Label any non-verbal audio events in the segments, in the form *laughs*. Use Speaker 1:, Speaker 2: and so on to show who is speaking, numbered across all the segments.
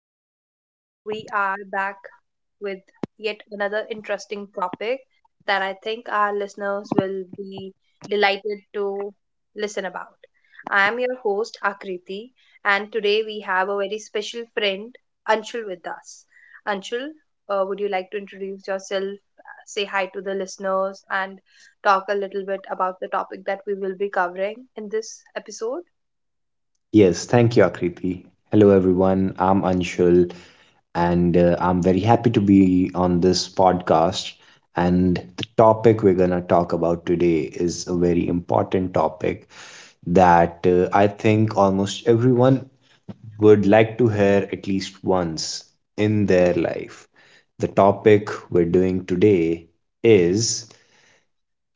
Speaker 1: everyone. We are back with yet another interesting topic that I think our listeners will be delighted to listen about. I am your host, Akriti, and today we have a very special friend, Anshul, with us. Anshul, would you like to introduce yourself, say hi to the listeners, and talk a little bit about the topic that we will be covering in this episode?
Speaker 2: Yes, thank you, Akriti. Hello, everyone. I'm Anshul, and I'm very happy to be on this podcast. And the topic we're going to talk about today is a very important topic that I think almost everyone would like to hear at least once in their life. The topic we're doing today is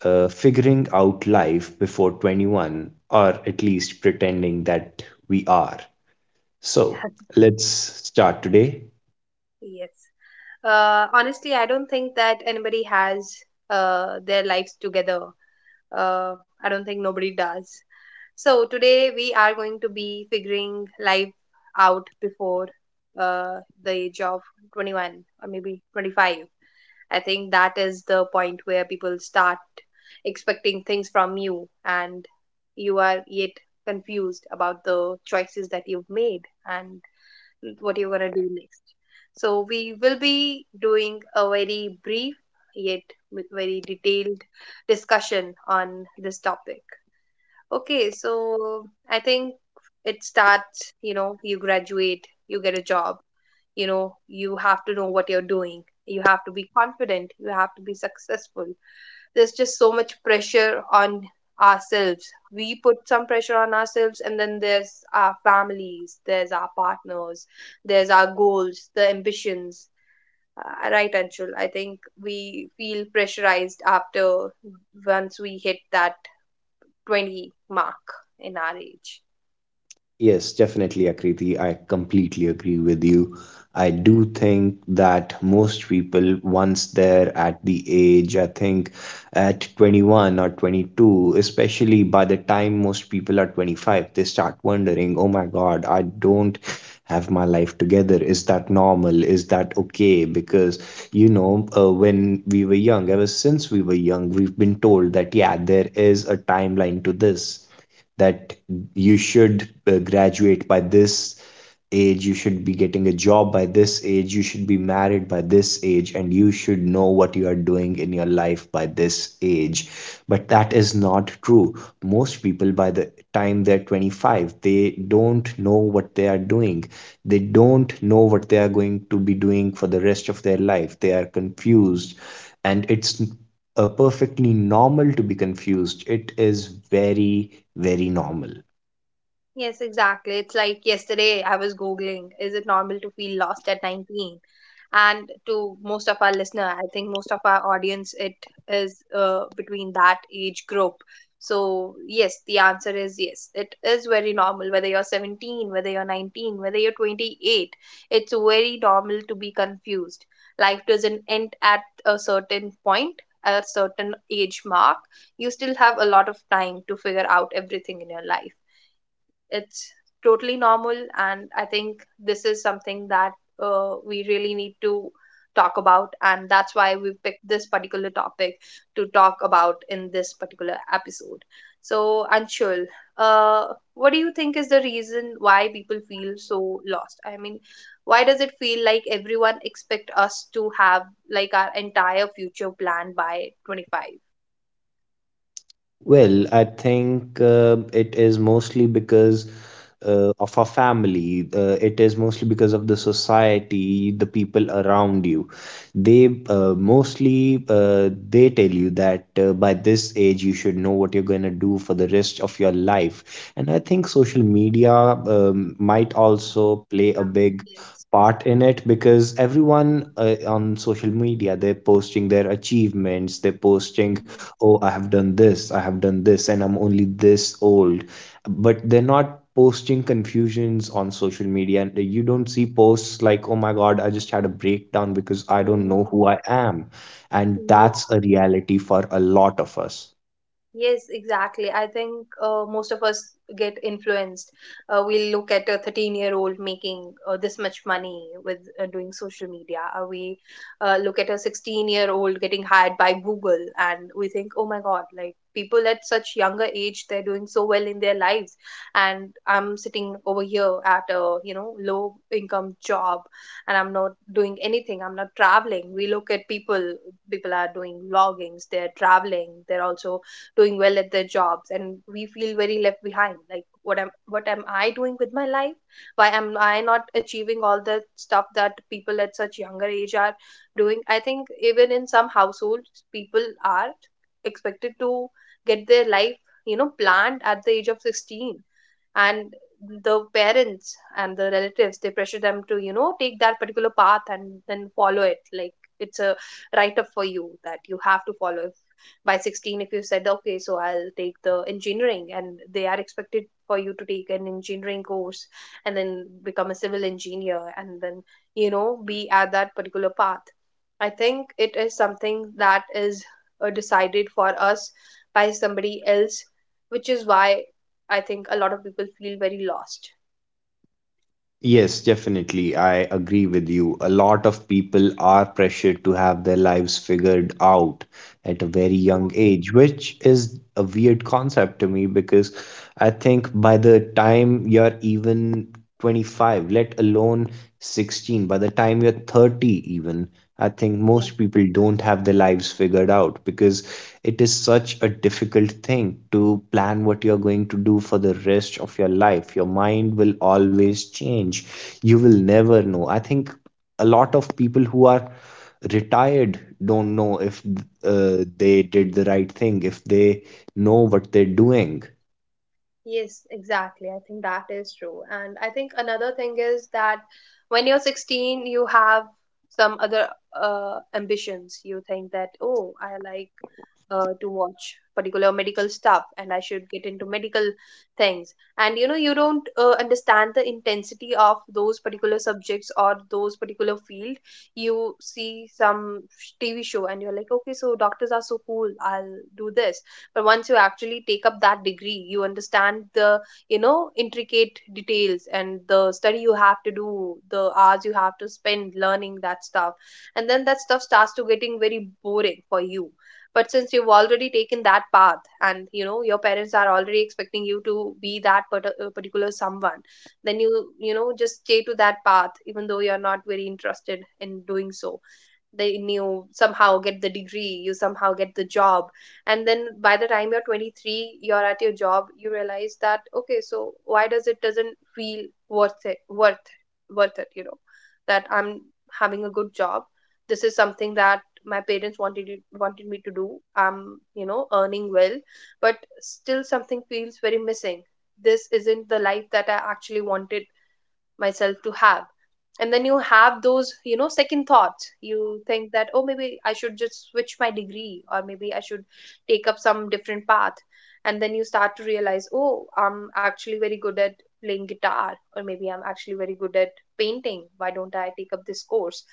Speaker 2: figuring out life before 21, or at least pretending that we are. So
Speaker 1: *laughs*
Speaker 2: let's start today.
Speaker 1: Yes. Honestly, I don't think that anybody has their lives together. I don't think nobody does. So today we are going to be figuring life out before the age of 21 or maybe 25. I think that is the point where people start expecting things from you and you are yet confused about the choices that you've made and what you're going to do next. So, we will be doing a very brief yet very detailed discussion on this topic. Okay, so I think it starts, you know, you graduate, you get a job, you know, you have to know what you're doing, you have to be confident, you have to be successful, there's just so much pressure on ourselves. We put some pressure on ourselves, and then there's our families, there's our partners, there's our goals, the ambitions. Right, Anshul. I think we feel pressurized after once we hit that 20 mark in our age.
Speaker 2: Yes, definitely, Akriti. I completely agree with you. I do think that most people, once they're at the age, I think at 21 or 22, especially by the time most people are 25, they start wondering, oh my God, I don't have my life together. Is that normal? Is that okay? Because, you know, when we were young, ever since we were young, we've been told that, yeah, there is a timeline to this that you should graduate by this age, you should be getting a job by this age, you should be married by this age, and you should know what you are doing in your life by this age. But that is not true. Most people, by the time they're 25, they don't know what they are doing. They don't know what they are going to be doing for the rest of their life. They are confused. And it's perfectly normal to be confused. It is very, very normal.
Speaker 1: Yes, exactly. It's like yesterday I was Googling, is it normal to feel lost at 19? And to most of our listener, I think most of our audience, it is between that age group. So, yes, the answer is yes. It is very normal, whether you're 17, whether you're 19, whether you're 28. It's very normal to be confused. Life doesn't end at a certain point, a certain age mark. You still have a lot of time to figure out everything in your life. It's totally normal, and I think this is something that we really need to talk about, and that's why we picked this particular topic to talk about in this particular episode. So, Anshul, uh, what do you think is the reason why people feel so lost? I mean, why does it feel like everyone expect us to have like our entire future planned by
Speaker 2: Well, I think it is mostly because of our family. It is mostly because of the society, the people around you. They mostly they tell you that by this age you should know what you're going to do for the rest of your life. And I think social media might also play a big part in it because everyone
Speaker 1: 25?
Speaker 2: on social media they're posting their achievements, they're posting oh, I have done this, I have done this, and I'm only this old, but they're not posting confusions on social media, and you don't see posts like, oh my God, I just had a breakdown because I don't know who I am, and that's a reality for a lot of us.
Speaker 1: Yes, exactly. I think most of us get influenced. We look at a 13-year-old making this much money with doing social media. We look at a 16-year-old getting hired by Google and we think, oh my God, like people at such younger age, they're doing so well in their lives. And I'm sitting over here at a, you know, low income job and I'm not doing anything. I'm not traveling. We look at people, people are doing vloggings, they're traveling, they're also doing well at their jobs, and we feel very left behind, like what am I doing with my life? Why am I not achieving all the stuff that people at such younger age are doing? I think even in some households, people are expected to get their life, you know, planned at the age of 16, and the parents and the relatives, they pressure them to, you know, take that particular path and then follow it, like it's a write up for you that you have to follow. If by 16 if you said, okay, so I'll take the engineering, and they are expected for you to take an engineering course and then become a civil engineer and then, you know, be at that particular path. I think it is something that is decided for us by somebody else, which is why I think a lot of people feel very lost.
Speaker 2: Yes, definitely. I agree with you. A lot of people are pressured to have their lives figured out at a very
Speaker 1: Yeah,
Speaker 2: young age, which is a weird concept to me because I think by the time you're even 25, let alone 16, by the time you're 30, even. I think
Speaker 1: yeah.
Speaker 2: most people don't have their lives figured out because it is such a difficult thing to plan what you're going to do for the rest of your life. Your mind will always change. You will never know. I think a lot of people who are retired don't know if they did the right thing, if they know what they're doing.
Speaker 1: Yes, exactly. I think that is true. And I think another thing is that when you're 16, you have some other ambitions. You think that, oh, I like to watch particular medical stuff and I should get into medical things. And you know, you don't understand the intensity of those particular subjects or those particular field. You see some TV show and you're like, okay, so doctors are so cool. I'll do this. But once you actually take up that degree, you understand the, you know, intricate details and the study you have to do, the hours you have to spend learning that stuff, and then that stuff starts to getting very boring for you. But since you've already taken that path, and you know your parents are already expecting you to be that particular someone, then you know, just stay to that path even though you're not very interested in doing so. They knew, somehow get the degree, you somehow get the job, and then by the time you're 23, you're at your job, you realize that, okay, so why does it doesn't feel worth it, worth it, you know, that I'm having a good job. This is something that my parents wanted me to do. I'm, you know, earning well, but still something feels very missing. This isn't the life that I actually wanted myself to have. And then you have those, you know, second thoughts. You think that, oh, maybe I should just switch my degree, or maybe I should take up some different path. And then you start to realize, oh, I'm actually very good at playing guitar, or maybe I'm actually very good at painting. Why don't I take up this course?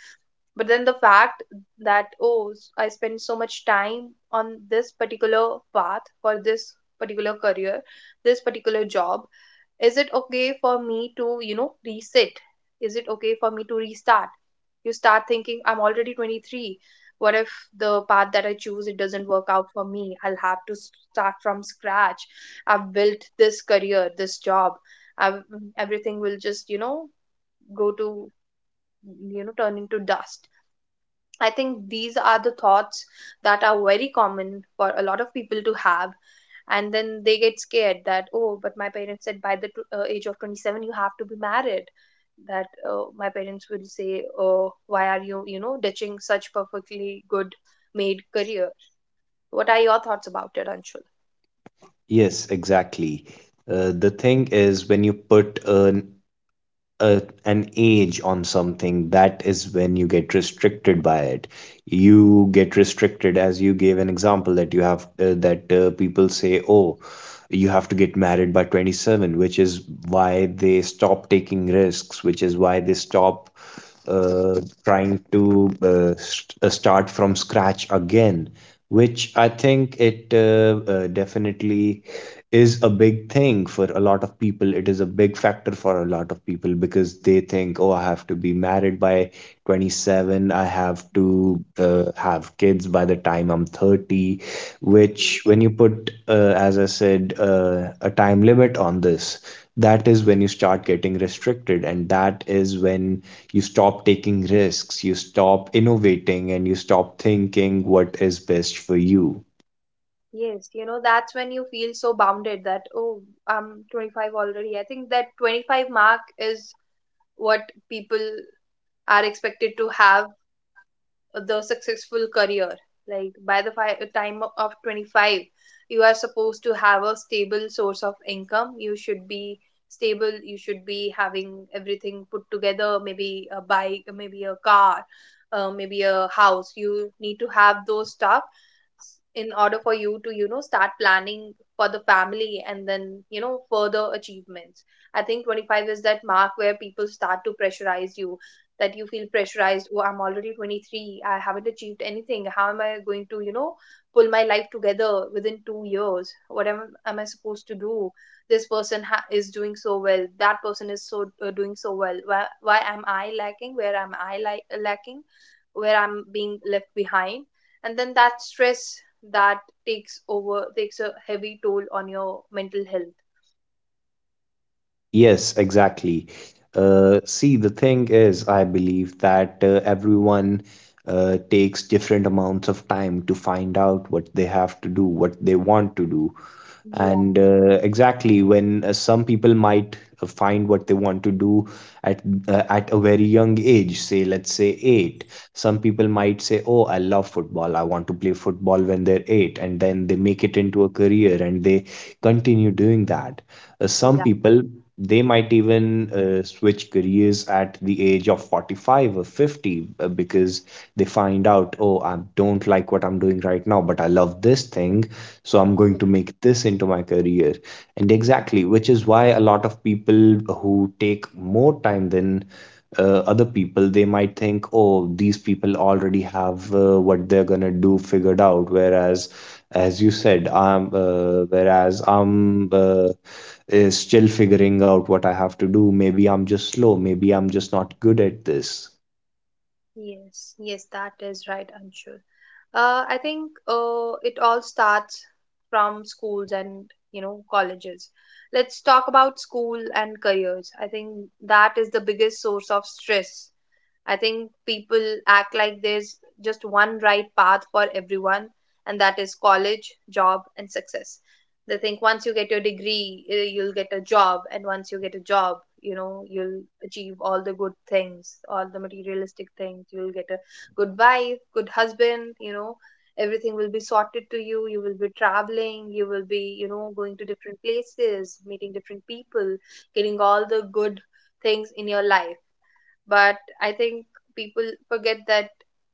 Speaker 1: But then the fact that, oh, I spend so much time on this particular path for this particular career, this particular job, is it okay for me to, you know, reset? Is it okay for me to restart? You start thinking, I'm already 23. What if the path that I choose, it doesn't work out for me? I'll have to start from scratch. I've built this career, this job I've, Everything will just, you know, go to, you know, turn into dust. I think these are the thoughts that are very common for a lot of people to have. And then they get scared that, oh, but my parents said by the age of 27, you have to be married. That my parents will say, oh, why are you, you know, ditching such perfectly good made career? What are your thoughts about it, Anshul?
Speaker 2: Yes, exactly. The thing is, when you put an age on something, that is when you get restricted by it. You get restricted, as you gave an example that you have that people say, "Oh, you have to get married by 27," which is why they stop taking risks, which is why they stop trying to start from scratch again, which I think it definitely is a big thing for a lot of people. It is a big factor for a lot of people because they think, oh, I have to be married by 27, I have to have kids by the time I'm 30, which when you put as I said a time limit on this, that is when you start getting restricted, and that is when you stop taking risks, you stop innovating, and you stop thinking what is best for you.
Speaker 1: Yes, you know, that's when you feel so bounded that, oh, I'm 25 already. I think that 25 mark is what people are expected to have the successful career, like by the time of 25, you are supposed to have a stable source of income, you should be stable, you should be having everything put together, maybe a bike, maybe a car, maybe a house. You need to have those stuff in order for you to, you know, start planning for the family and then, you know, further achievements. I think 25 is that mark where people start to pressurize you, that you feel pressurized, oh, I'm already 23, I haven't achieved anything, how am I going to, you know, pull my life together within 2 years? Am I supposed to do? This person is doing so well, that person is so doing so well. Why am I lacking? Where am I, like, lacking? Where I'm being left behind? And then that stress that takes over takes a heavy toll on your mental health.
Speaker 2: Yes, exactly. See, the thing is, I believe that everyone takes different amounts of time to find out what they have to do, what they want to do.
Speaker 1: Yeah.
Speaker 2: And exactly when some people might find what they want to do at at a very young age, say let's say eight,
Speaker 1: Yes.
Speaker 2: some people might say, "Oh, I love football. I want to play football when they're eight," and then they make it into a career and they
Speaker 1: Mm.
Speaker 2: continue doing that. Some
Speaker 1: Yeah,
Speaker 2: people they might even switch careers at the age of 45 or 50 because they find out, oh, I don't like what I'm doing right now, but I love this thing, so I'm going
Speaker 1: yeah.
Speaker 2: to make this into my career. And exactly, which is why a lot of people who take more time than other people, they might think, oh, these people already have what they're gonna do figured out, whereas as you said, whereas I'm is still figuring out what I have to do. Maybe I'm just slow. Maybe I'm just not good at this.
Speaker 1: Yes, yes, that is right, Anshul. I think it all starts from schools and, you know, colleges. Let's talk about school and careers. I think that is the biggest source of stress. I think people act like there's just one right path for everyone, and that is college, job, and success. They think once you get your degree, you'll get a job, and once you get a job, you know, you'll achieve all the good things, all the materialistic things. You'll get a good wife, good husband, you know, everything will be sorted to you. You will be traveling, you will be, you know, going to different places, meeting different people, getting all the good things in your life. But I think people forget that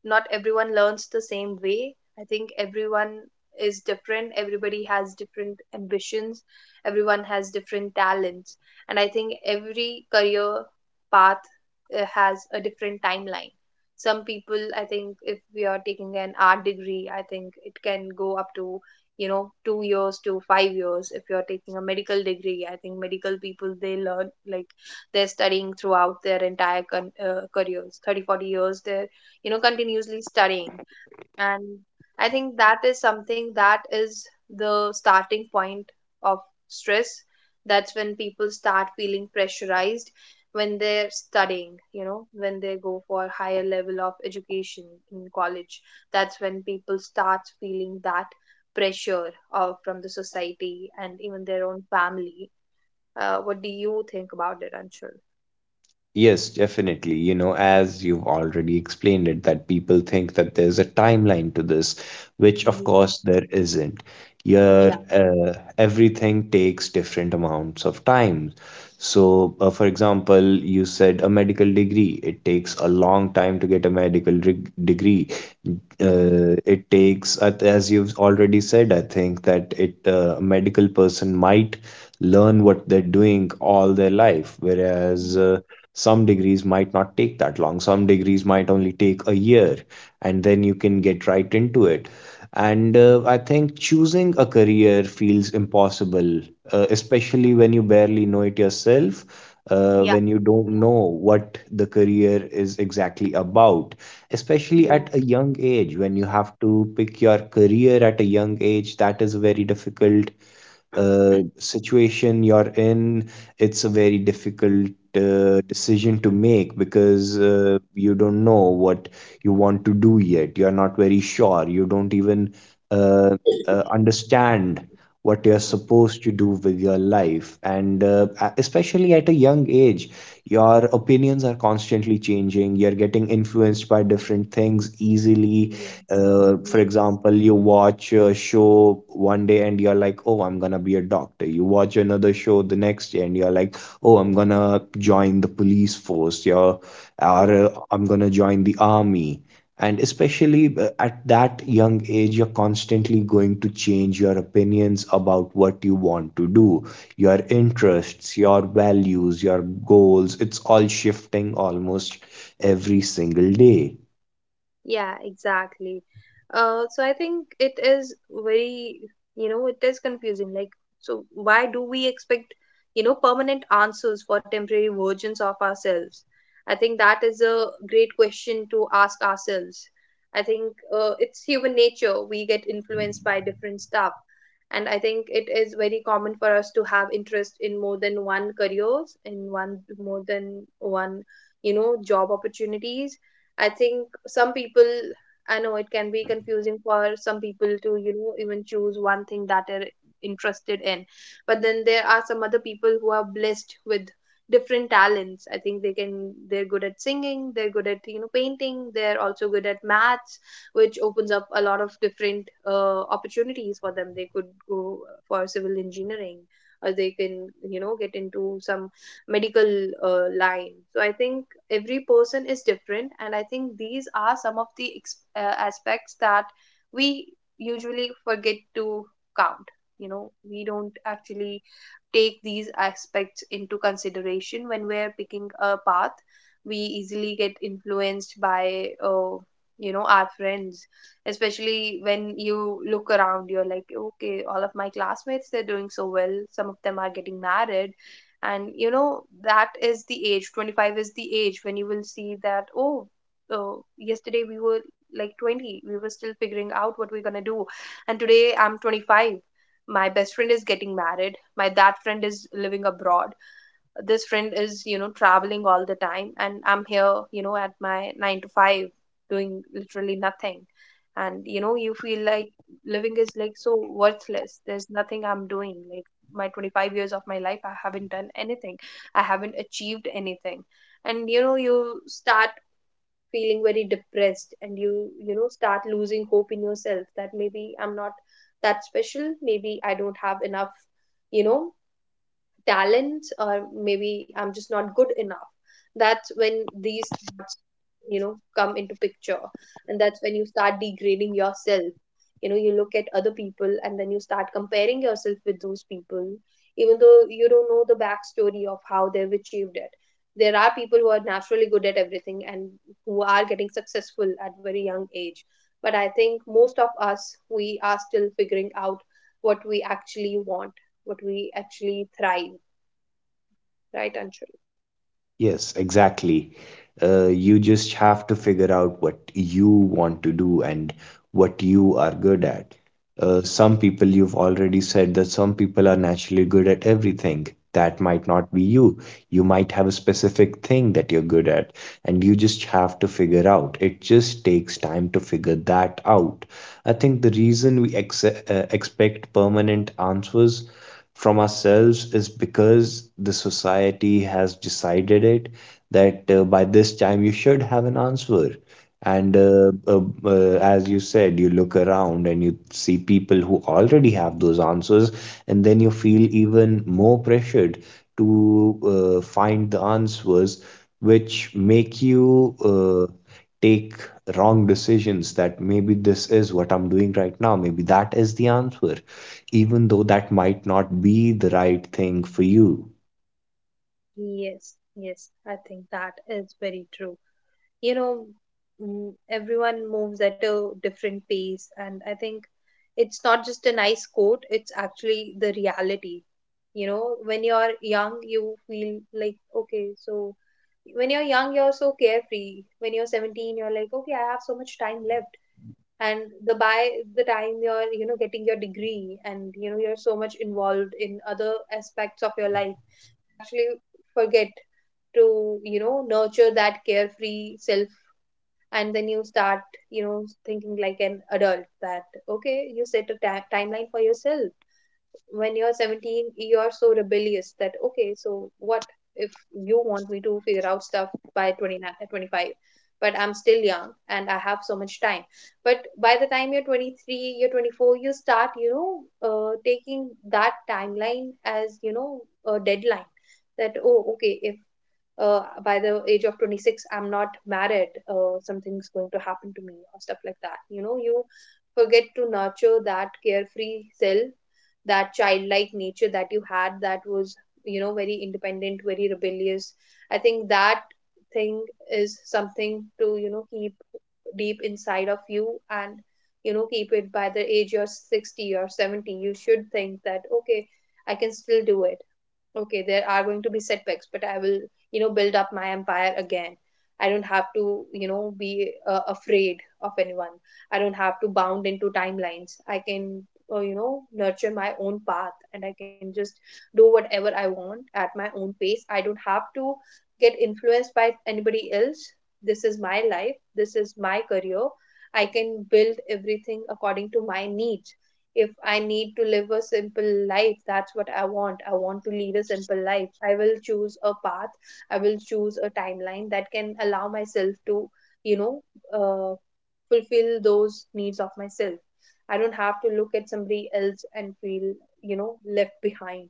Speaker 1: not everyone learns the same way. I think everyone is different, everybody has different ambitions, everyone has different talents. And I think every career path has a different timeline. Some people, I think if we are taking an art degree, I think it can go up to, you know, 2 years to 5 years. If you are taking a medical degree, I think medical people, they learn, like, they're studying throughout their entire careers. 30 40 years they're, you know, continuously studying. And I think that is something that is the starting point of stress. That's when people start feeling pressurized, when they're studying, you know, when they go for higher level of education in college. That's when people start feeling that pressure of from the society and even their own family. What do you think about it, Anshul?
Speaker 2: Yes, definitely. You know, as you've already explained it, that people think that there's a timeline to this, which of
Speaker 1: Mhm.
Speaker 2: course there isn't. Your
Speaker 1: Yeah.
Speaker 2: everything takes different amounts of time. So, for example, you said a medical degree. It takes a long time to get a degree. It takes, as you've already said, I think that it a medical person might learn what they're doing all their life, whereas
Speaker 1: Mm.
Speaker 2: some degrees might not take that long. Some degrees might only take a year, and then you can get right into it. And I think choosing a career feels impossible, especially when you barely know it yourself,
Speaker 1: Yeah.
Speaker 2: when you don't
Speaker 1: Yeah.
Speaker 2: know what the career is exactly about, especially
Speaker 1: Yeah.
Speaker 2: at a young age, when you have to pick your career at a young age, that is very difficult situation you're in, it's a very difficult decision to make because you don't know what you want to do yet. You're not very sure. You don't even uh,
Speaker 1: *clears throat*
Speaker 2: understand what you're
Speaker 1: Mm.
Speaker 2: supposed to do with your life. And especially at a young age, your opinions are constantly changing. You're getting influenced by different things
Speaker 1: Mm.
Speaker 2: easily,
Speaker 1: Yes.
Speaker 2: for
Speaker 1: Yes.
Speaker 2: example, you watch a show one day and you're like, oh, I'm gonna be a doctor, you watch another show the next day and you're like, oh, I'm gonna join the police force, you're,
Speaker 1: Yes.
Speaker 2: or uh, I'm gonna join the army, and
Speaker 1: Yes.
Speaker 2: especially at that young age you're constantly going to change your opinions about what you want to do, your interests, your values, your goals, it's all shifting almost every single day.
Speaker 1: Yeah, exactly. So I think it is very, you know, it is confusing. Like, so why do we expect, you know, permanent answers for temporary versions of ourselves? I think that is a great question to ask ourselves. I think it's human nature. We get influenced by different stuff. And I think it is very common for us to have interest in more than one careers, in one more than one, you know, job opportunities. I think some people, I know it can be confusing for some people to, you know, even choose one thing that are interested in. But then there are some other people who are blessed with different talents. I think they can, they're good at singing, they're good at, you know, painting, they're also good at maths, which opens up a lot of different opportunities for them. They could go for civil engineering, or they can, you know, get into some medical line. So I think every person is different, and I think these are some of the aspects that we usually forget to count. You know, we don't actually take these aspects into consideration when we're picking a path. We easily get influenced by you know, our friends. Especially when you look around, you're like, okay, all of my classmates, they're doing so well, some of them are getting married. And you know, that is the age. 25 is the age when you will see that, oh, uh, yesterday we were like 20, we were still figuring out what we're gonna do, and today I'm 25. My best friend is getting married, my that friend is living abroad, this friend is, you know, traveling all the time, and I'm here, you know, at my 9 to 5, doing literally nothing. And you know, you feel like living is like so worthless, there's nothing I'm doing. Like, my 25 years of my life, I haven't done anything, I haven't achieved anything. And you know, you start feeling very depressed, and you know, start losing hope in yourself, that maybe I'm not that special, maybe I don't have enough, you know, talents, or maybe I'm just not good enough. That's when these thoughts, you know, come into picture. And that's when you start degrading yourself, you know, you look at other people and then you start comparing yourself with those people, even though you don't know the backstory of how they've achieved it. There are people who are naturally good at everything and who are getting successful at very young age. But I think most of us, we are still figuring out what we actually want, what we actually thrive. Right, Anshul?
Speaker 2: Yes, exactly. You just have to figure out what you want to do and what you are good at. Some people, you've already said that some people are naturally good at everything. That might not be you. You might have a specific thing that you're good at, and you just have to figure out. It just takes time to figure that out. I think the reason we expect permanent answers from ourselves is because the society has decided it that by this time you should have an answer. And as you said, you look around and you see people who already have those answers, and then you feel even more pressured to find the answers, which make you take wrong decisions that maybe this is what I'm doing right now, maybe that is the answer, even though that might not be the right thing for you.
Speaker 1: Yes, yes, I think that is very true. You know, mm, everyone moves at a different pace, and I think it's not just a nice quote, it's actually the reality. You know, when you're young, you feel like, okay, so when you're young, you're so carefree. When you're 17, you're like, okay, I have so much time left. And the by the time you're, you know, getting your degree and, you know, you're so much involved in other aspects of your life, actually forget to, you know, nurture that carefree self. And then you start, you know, thinking like an adult that, okay, you set a timeline for yourself. When you're 17, you're so rebellious that, okay, so what if you want me to figure out stuff by 29 uh, 25? But I'm still young and I have so much time. But by the time you're 23, you're 24, you start, you know, taking that timeline as, you know, a deadline. That, oh, okay, if by the age of 26 I'm not married, something's going to happen to me, or stuff like that. You know, you forget to nurture that carefree self, that childlike nature that you had, that was, you know, very independent, very rebellious. I think that thing is something to, you know, keep deep inside of you. And you know, keep it. By the age you're 60 or 70, you should think that, okay, I can still do it. Okay, there are going to be setbacks, but I will, you know, build up my empire again. I don't have to, you know, be afraid of anyone. I don't have to bound into timelines. I can, you know, nurture my own path, and I can just do whatever I want at my own pace. I don't have to get influenced by anybody else. This is my life, this is my career, I can build everything according to my needs. If I need to live a simple life, that's what I want. I want to lead a simple life. I will choose a path, I will choose a timeline that can allow myself to, you know, uh, fulfill those needs of myself. I don't have to look at somebody else and feel, you know, left behind.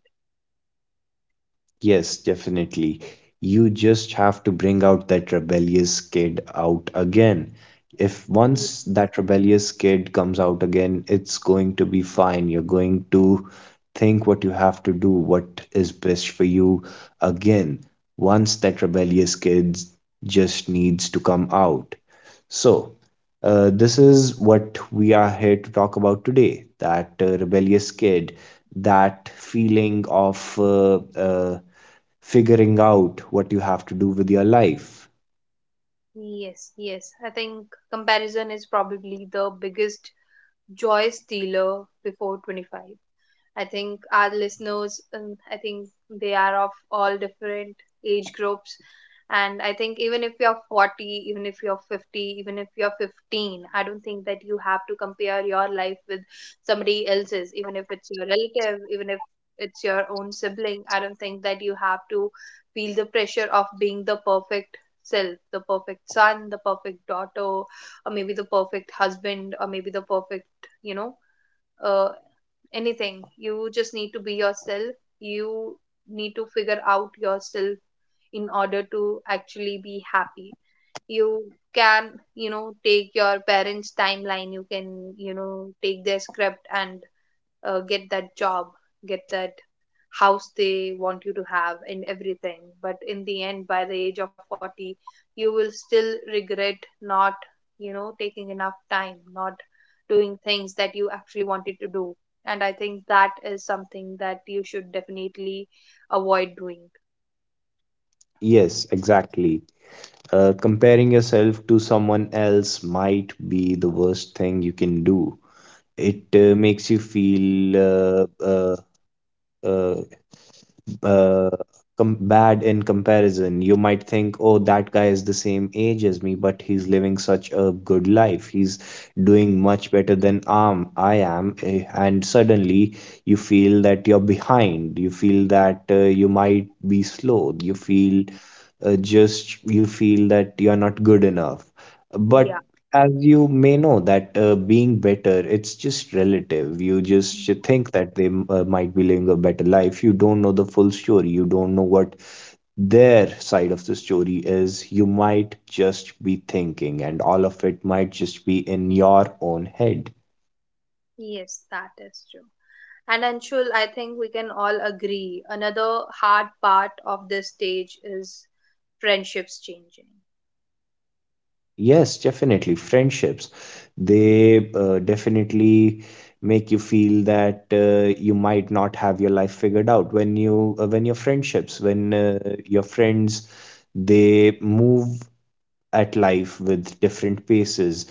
Speaker 2: Yes, definitely. You just have to bring out that rebellious kid out again. If
Speaker 1: Ye-
Speaker 2: once that rebellious kid comes out again, it's going to be fine. You're going to think what you have to do, what is best for you again. Once that rebellious kid just needs to come out. So, this is what we are here to talk about today, that rebellious kid, that feeling of figuring out what you have to do with your life.
Speaker 1: Yes, yes. I think comparison is probably the biggest joy stealer before 25. I think our listeners, I think they are of all different age groups. And I think even if you're 40, even if you're 50, even if you're 15, I don't think that you have to compare your life with somebody else's, even if it's your relative, even if it's your own sibling. I don't think that you have to feel the pressure of being the perfect self, the perfect son, the perfect daughter, or maybe the perfect husband, or maybe the perfect, you know, uh, anything. You just need to be yourself, you need to figure out yourself in order to actually be happy. You can, you know, take your parents timeline, you can, you know, take their script and get that job, get that house they want you to have, and everything. But in the end, by the age of 40, you will still regret not, you know, taking enough time, not doing things that you actually wanted to do. And I think that is something that you should definitely avoid doing.
Speaker 2: Yes, exactly. Comparing yourself to someone else might be the worst thing you can do. It makes you feel uh, uh, bad in comparison. You might think, oh, that guy is the same age as me, but he's living such a good life. He's doing
Speaker 1: Yes.
Speaker 2: much better than I am. And suddenly you feel that you're behind. You feel that you might be slow. You
Speaker 1: Mhm.
Speaker 2: feel you feel that you're not good enough. But
Speaker 1: Yeah.
Speaker 2: as you may know that being better it's just relative. You just
Speaker 1: Mm.
Speaker 2: should think that they might be living a better life, you don't know the full story, you don't know what their side of the story is, you might just be thinking and all of it might just be in your own head.
Speaker 1: Yes, that is true. And Anshul, I think we can all agree another hard part of this stage is friendships changing.
Speaker 2: Yes, definitely. Friendships, they definitely make you feel that you might not have your life figured out when your friendships, when your friends, they move at life with different paces.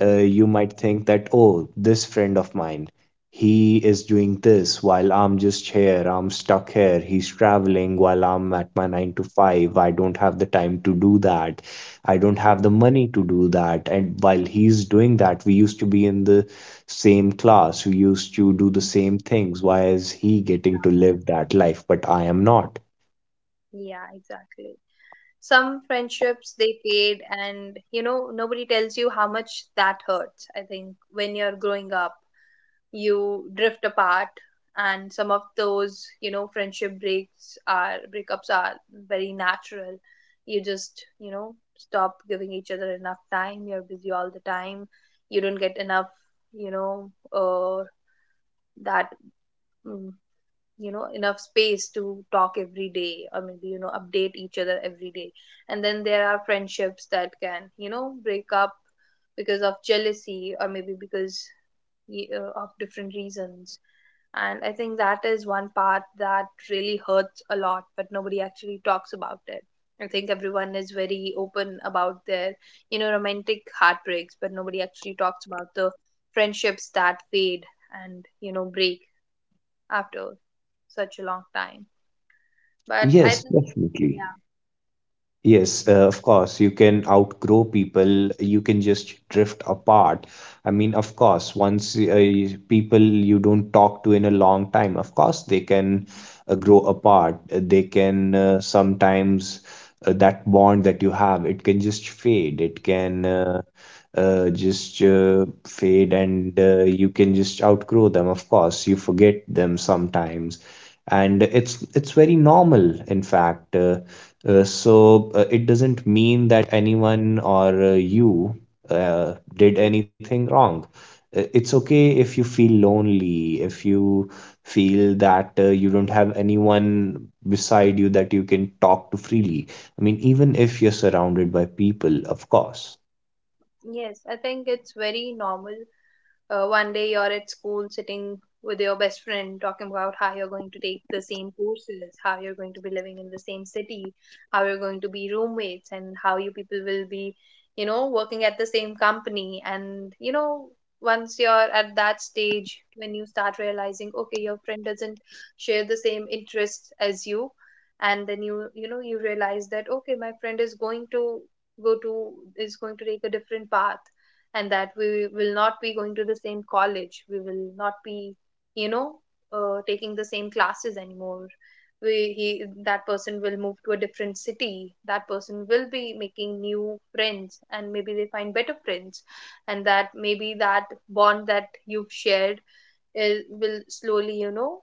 Speaker 1: Mhm.
Speaker 2: You might think that, oh, this friend of mine, he is doing this while I'm just here, I'm stuck here, he's traveling while I'm at my nine to five, I don't have the time to do that. I don't
Speaker 1: Yeah.
Speaker 2: have the money to do that. And while he's doing that, we used to be in the same class. We used to do the same
Speaker 1: Mhm.
Speaker 2: things. Why is he
Speaker 1: Yeah,
Speaker 2: getting to live that life, but I am not?
Speaker 1: yeah, exactly. Some friendships they fade, and you know, nobody tells you how much that hurts. I think when you're growing up, you drift apart, and some of those, you know, friendship breaks are breakups are very natural. You just, you know, stop giving each other enough time. You're busy all the time. You don't get enough, you know, that mm, you know, enough space to talk every day, or maybe, you know, update each other every day. And then there are friendships that can, you know, break up because of jealousy, or maybe because of different reasons. And I think that is one part that really hurts a lot, but nobody actually talks about it. I think everyone is very open about their, you know, romantic heartbreaks, but nobody actually talks about the friendships that fade and, you know, break after such a long time. But I
Speaker 2: Yes,
Speaker 1: think,
Speaker 2: definitely.
Speaker 1: yeah,
Speaker 2: Yes, of course, you can outgrow people, you can just drift apart. I mean, of course, once people you don't talk to in a long time, of course, they can grow apart. They can sometimes That bond that you have, it can just fade. It can just fade, and you can just outgrow them. Of course, you forget them sometimes, and it's very normal, in fact. So, it doesn't mean that anyone, or you did
Speaker 1: yes,
Speaker 2: anything wrong. It's okay if you feel lonely, if you feel that you don't have anyone beside you that you can talk to freely. I mean, even if you're surrounded by people, of course.
Speaker 1: yes, I think it's very normal. One day you're at school sitting with your best friend talking about how you're going to take the same courses, how you're going to be living in the same city, how you're going to be roommates, and how you people will be, you know, working at the same company. And, you know, once you're at that stage when you start realizing, okay, your friend doesn't share the same interests as you, and then you realize that, okay, my friend is going to go to, is going to take a different path, and that we will not be going to the same college, we will not be, you know taking the same classes anymore. We he that person will move to a different city, that person will be making new friends and maybe they find better friends, and that maybe that bond that you've shared will slowly,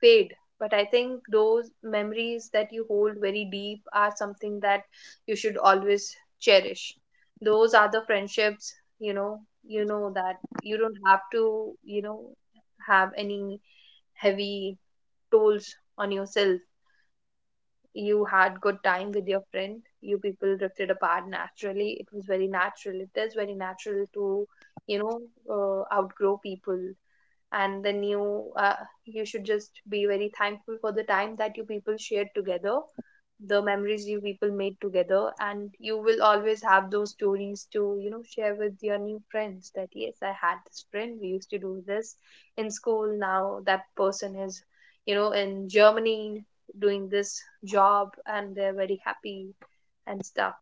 Speaker 1: fade. But I think those memories that you hold very deep are something that you should always cherish. Those are the friendships, you know that you don't have to, you know have any heavy tolls on yourself. You had good time with your friend, you people drifted apart naturally, it was very natural. It is very natural to, you know outgrow people. And then you should just be very thankful for the time that you people shared together, the memories you people made together. And you will always have those stories to, share with your new friends, that yes, I had this friend, we used to do this in school, now that person is, in Germany doing this job and they're very happy and stuff.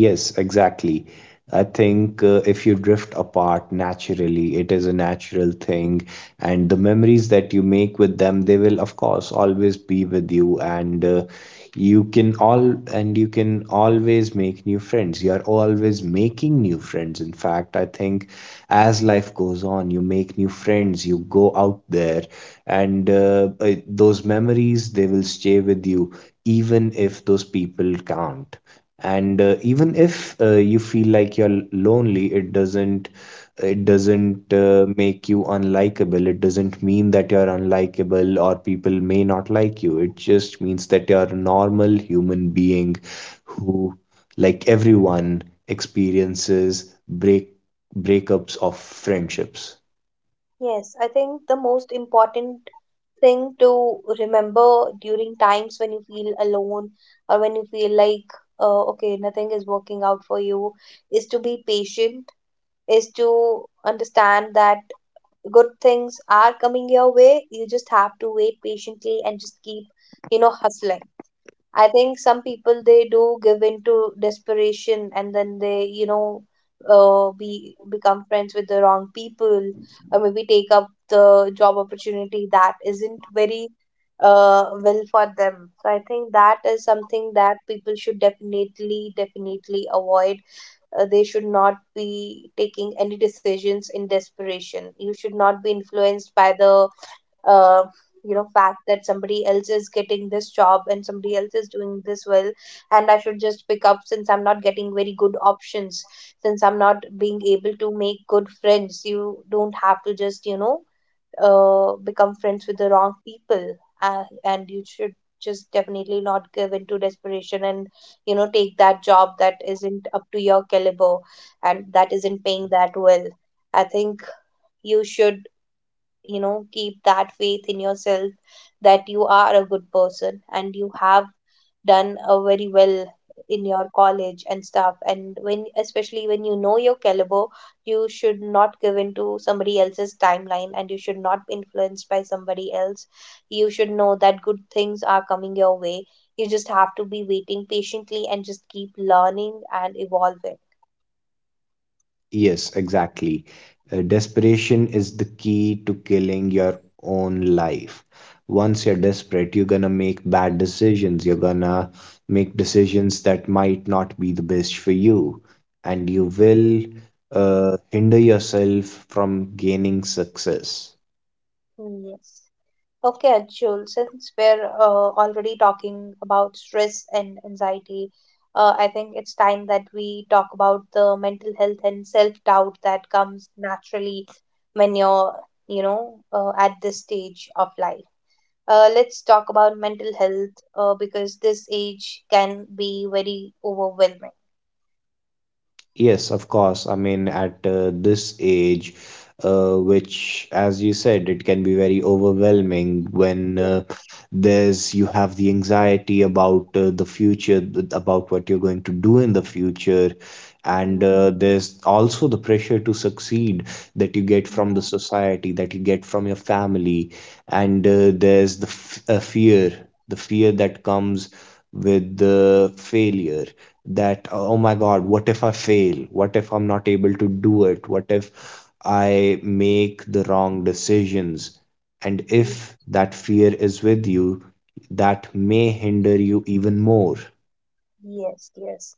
Speaker 2: Yes, exactly. I think if you drift apart naturally, it is a natural thing. And the memories that you make with them, they will, of course, always be with you. And you can always make new friends. You are always making new friends. In fact, I think as life goes on, you make new friends, you go out there, and those memories, they will stay with you, even if those people can't. And even if you feel like you're lonely, it doesn't, it doesn't make you unlikable. It doesn't mean that you're unlikable or people may not like you. It just means that you're a normal human being who, like everyone, experiences breakups of friendships.
Speaker 1: Yes, I think the most important thing to remember during times when you feel alone or when you feel like, okay, nothing is working out for you is to be patient, is to understand that good things are coming your way. You just have to wait patiently and just keep, you know, hustling. I think some people they do give into desperation, and then they, you know, be become friends with the wrong people, or maybe take up the job opportunity that isn't very well for them. So I think that is something that people should definitely, definitely avoid. They should not be taking any decisions in desperation. You should not be influenced by the uh, you know fact that somebody else is getting this job and somebody else is doing this well, and I should just pick up since I'm not getting very good options, since I'm not being able to make good friends. You don't have to just, become friends with the wrong people. And you should just definitely not give into desperation and, you know, take that job that isn't up to your caliber and that isn't paying that well. I think you should, you know, keep that faith in yourself that you are a good person and you have done a very well in your college and stuff, and when, especially when you know your caliber, you should not give into somebody else's timeline and you should not be influenced by somebody else. You should know that good things are coming your way, you just have to be waiting patiently and just keep learning and evolving.
Speaker 2: Yes, exactly. Desperation is the key to killing your own life. Once you're desperate, you're gonna make bad decisions. You're gonna make decisions that might not be the best for you, and you will hinder yourself from gaining success.
Speaker 1: Yes. Okay, Anshul, since we're already talking about stress and anxiety, I think it's time that we talk about the mental health and self-doubt that comes naturally when you're, you know, at this stage of life. Let's talk about mental health, because this age can be very overwhelming.
Speaker 2: Yes, of course. I mean, at this age, which, as you said, it can be very overwhelming when
Speaker 1: Yeah.
Speaker 2: there's you have the anxiety about the future, about what you're going to do in the future,
Speaker 1: Mhm.
Speaker 2: and there's also the pressure to succeed that you get from the society, that you get from your family, and there's the f fear, the fear that comes with the failure. That, oh my god, what if I fail? What if I'm not able to do it? What if I make the wrong decisions? And
Speaker 1: Mhm.
Speaker 2: if that fear is with you, that may hinder you even more.
Speaker 1: Yes, yes.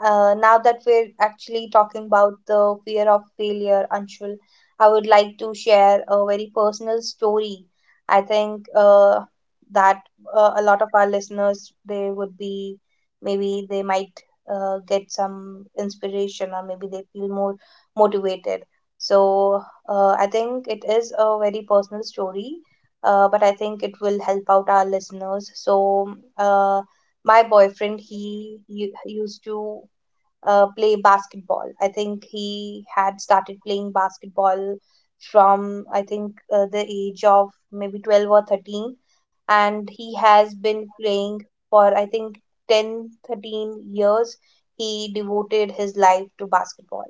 Speaker 1: Now that we're actually talking about the fear of failure, Anshul, I would like to share a very personal story. I think that a lot of our listeners they would be, maybe they might, get some inspiration or maybe they feel more motivated. So I think it is a very personal story, but I think it will help out our listeners. So. My boyfriend used to play basketball. I think he had started playing basketball from, I think, the age of maybe 12 or 13, and he has been playing for, I think, 10, 13 years. He devoted his life to basketball,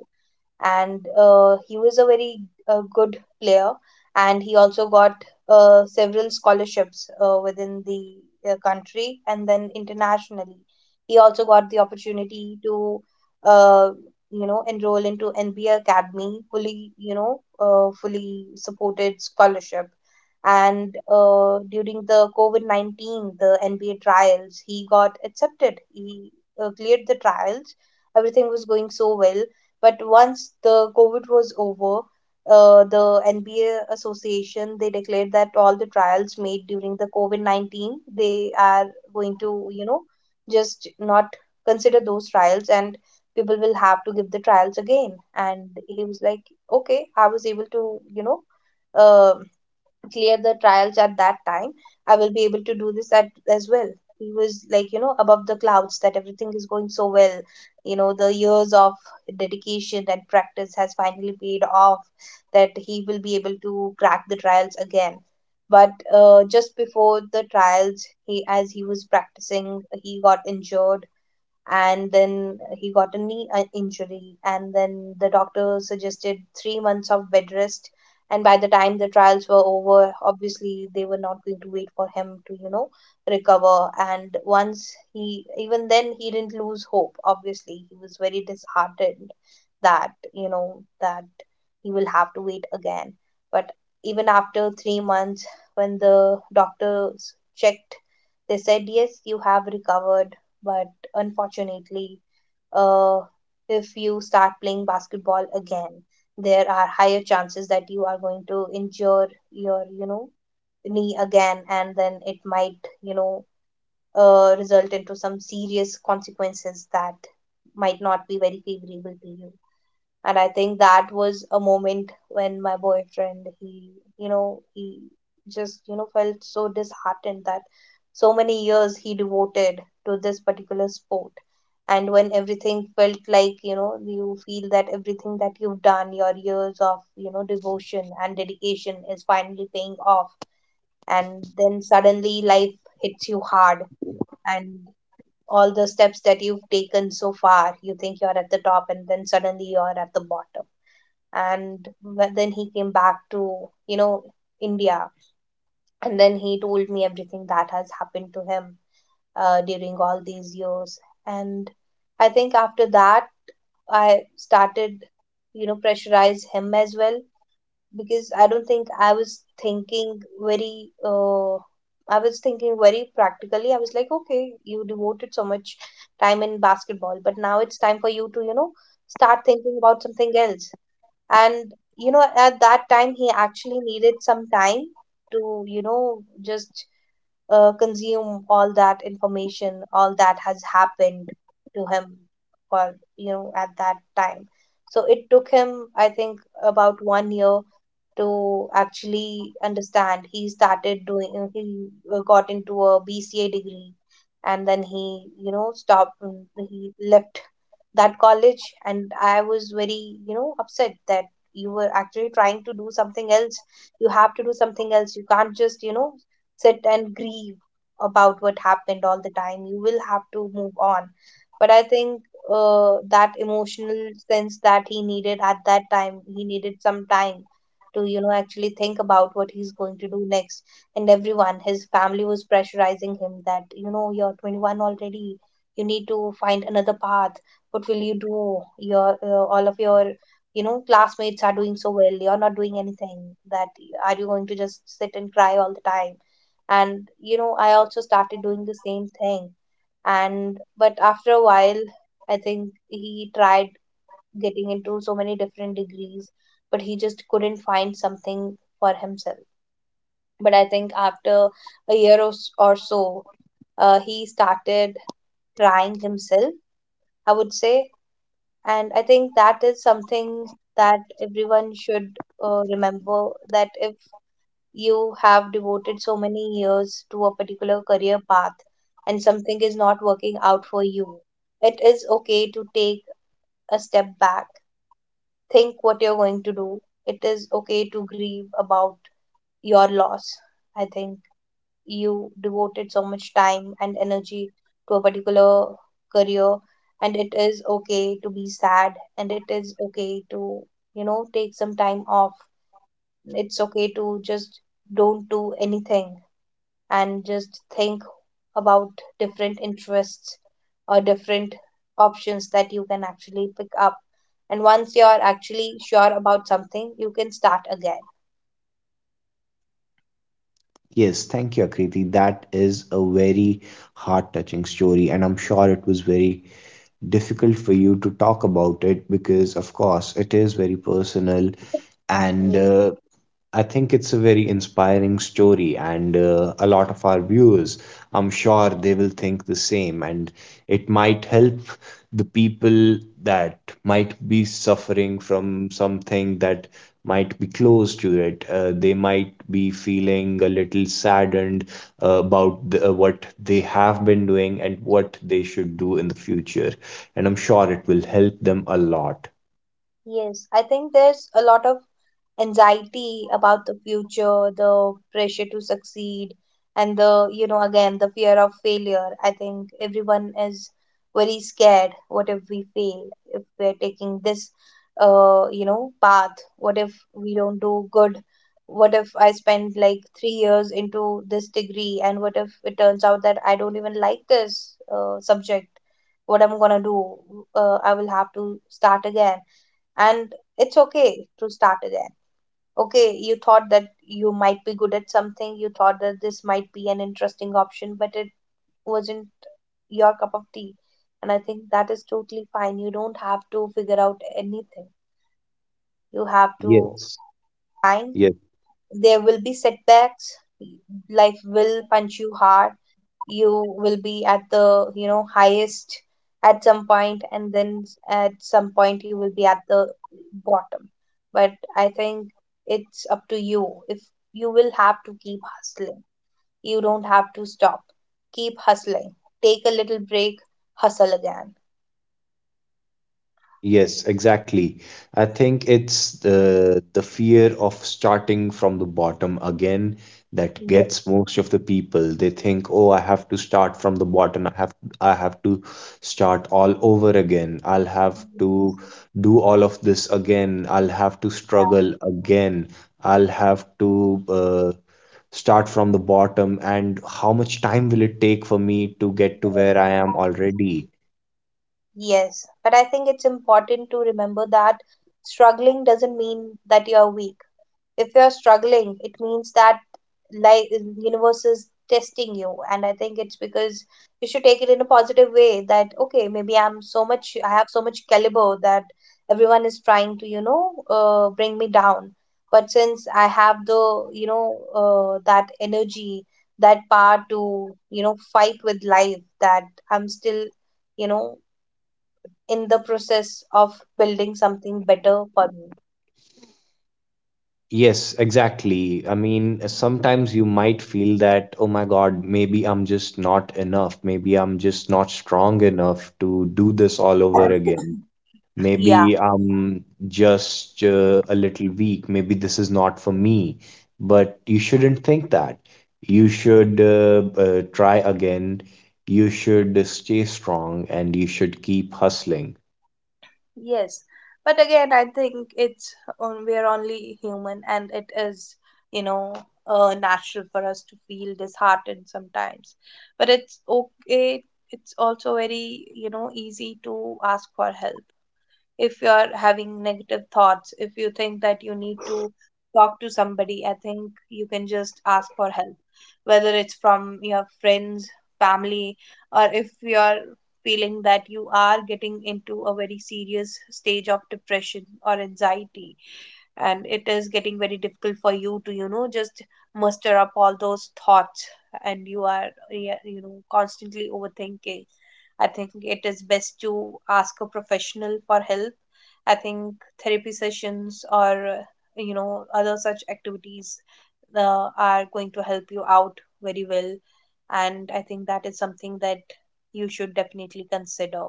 Speaker 1: and he was a very good player. And he also got several scholarships, within the country and then internationally. He also got the opportunity to, uh, you know, enroll into NBA Academy, fully, you know, fully supported scholarship. And during the COVID-19 the NBA trials, he got accepted, he cleared the trials. Everything was going so well, but once the COVID was over, the NBA Association they declared that all the trials made during the COVID 19 they are going to, you know, just not consider those trials, and people will have to give the trials again. And he was like, okay, I was able to, you know, uh, clear the trials at that time, I will be able to do this as well. He was like, you know, above the clouds, that everything is going so well, you know, the years of dedication and practice has finally paid off, that he will be able to crack the trials again. But just before the trials, he as he was practicing he got injured. And then he got a knee injury, and then the doctor suggested 3 months of bed rest, and by the time the trials were over, obviously they were not going to wait for him to, you know, recover. And once he even then he didn't lose hope. Obviously he was very disheartened that, you know, that he will have to wait again. But even after 3 months, when the doctors checked, they said yes, you have recovered, but unfortunately, uh, if you start playing basketball again, there are higher chances that you are going to injure your, you know, knee again, and then it might, you know, result into some serious consequences that might not be very favorable to you. And I think that was a moment when my boyfriend he you know he just, you know, felt so disheartened, that so many years he devoted to this particular sport. And when everything felt like, you know, you feel that everything that you've done, your years of, you know, devotion and dedication is finally paying off, and then suddenly life hits you hard, and all the steps that you've taken so far, you think you're at the top and then suddenly you're at the bottom. And then he came back to, you know, India, and then he told me everything that has happened to him during all these years. And I think after that I started, you know, pressurize him as well, because I don't think I was thinking very I was thinking very practically. I was like, okay, you devoted so much time in basketball, but now it's time for you to, you know, start thinking about something else. And you know, at that time he actually needed some time to, you know, just consume all that information, all that has happened to him, for, you know, at that time. So it took him, I think, about 1 year to actually understand. He started doing he got into a BCA degree, and then he, you know, he left that college. And I was very, you know, upset, that you were actually trying to do something else, you have to do something else, you can't just, you know, sit and grieve about what happened all the time, you will have to move on. But I think that emotional sense that he needed at that time, he needed some time to, you know, actually think about what he's going to do next. And everyone, his family, was pressurizing him that, you know, you're 21 already, you need to find another path, what will you do, your all of your, you know, classmates are doing so well, you're not doing anything, that are you going to just sit and cry all the time. And, you know, I also started doing the same thing. And but after a while, I think he tried getting into so many different degrees, but he just couldn't find something for himself. But I think after a year or, or so, he started trying himself, I would say. And I think that is something that everyone should, remember, that if you have devoted so many years to a particular career path and something is not working out for you, it is okay to take a step back, think what you're going to do. It is okay to grieve about your loss. I think you devoted so much time and energy to a particular career, and it is okay to be sad, and it is okay to, you know, take some time off. It's okay to just don't do anything and just think about different interests or different options that you can actually pick up. And once you're actually sure about something you can start again.
Speaker 2: Yes, thank you, Akriti. That is a very heart touching story, and I'm sure it was very difficult for you to talk about it, because of course it is very personal. And
Speaker 1: Mm,
Speaker 2: I think it's a very inspiring story, and a lot of our viewers, I'm sure they will think the same, and it might help the people that might be suffering from something that might be close to it. They might be feeling a little saddened what they have been doing and what they should do in the future, and I'm sure it will help them a lot.
Speaker 1: yes, I think there's a lot of anxiety about the future, the pressure to succeed, and the, you know, again, the fear of failure. I think everyone is very scared. What if we fail? If we're taking this, you know, path? What if we don't do good? What if I spend like 3 years into this degree, and what if it turns out that I don't even like this subject? What I'm gonna do? I will have to start again, and it's okay to start again. Okay, you thought that you might be good at something, you thought that this might be an interesting option, but it wasn't your cup of tea. And I think that is totally fine. You don't have to figure out anything, you have to
Speaker 2: Yes.
Speaker 1: find.
Speaker 2: Yes.
Speaker 1: There will be setbacks. Life will punch you hard. You will be at the highest at some point, and then at some point you will be at the bottom. But I think it's up to you. If you will have to keep hustling, you don't have to stop. Keep hustling, take a little break, hustle again.
Speaker 2: Yes, exactly. I think it's the fear of starting from the bottom again that
Speaker 1: Yes,
Speaker 2: gets most of the people. They think, "Oh, I have to start from the bottom. I have to start all over again. I'll have to
Speaker 1: yes,
Speaker 2: do all of this again. I'll have to
Speaker 1: yeah,
Speaker 2: struggle again. I'll have to start from the bottom. And how much time will it take for me to get to where
Speaker 1: yes.
Speaker 2: I am already?"
Speaker 1: Yes, but I think it's important to remember that struggling doesn't mean that you are weak. If you're struggling, it means that life, universe is testing you, and I think it's because you should take it in a positive way that okay, maybe I'm so much, I have so much caliber that everyone is trying to bring me down. But since I have the that energy, that power to fight with life, that I'm still you know in the process of building something better for me.
Speaker 2: Yes, exactly. I mean, sometimes you might feel that, oh my God, maybe I'm just not enough. Maybe I'm just not strong enough to do this all over again.
Speaker 1: Yeah.
Speaker 2: Maybe I'm just a little weak. Maybe this is not for me. But you shouldn't think that. You should try again. You should stay strong, and you should keep hustling.
Speaker 1: Yes, but again, I think it's we're only human, and it is, you know, natural for us to feel disheartened sometimes. But it's okay. It's also very, easy to ask for help. If you're having negative thoughts, if you think that you need to talk to somebody, I think you can just ask for help, whether it's from your friends, family, or if you're feeling that you are getting into a very serious stage of depression or anxiety, and it is getting very difficult for you to just muster up all those thoughts, and you are, yeah, constantly overthinking, I think it is best to ask a professional for help. I think therapy sessions or other such activities are going to help you out very well, and I think that is something that you should definitely consider.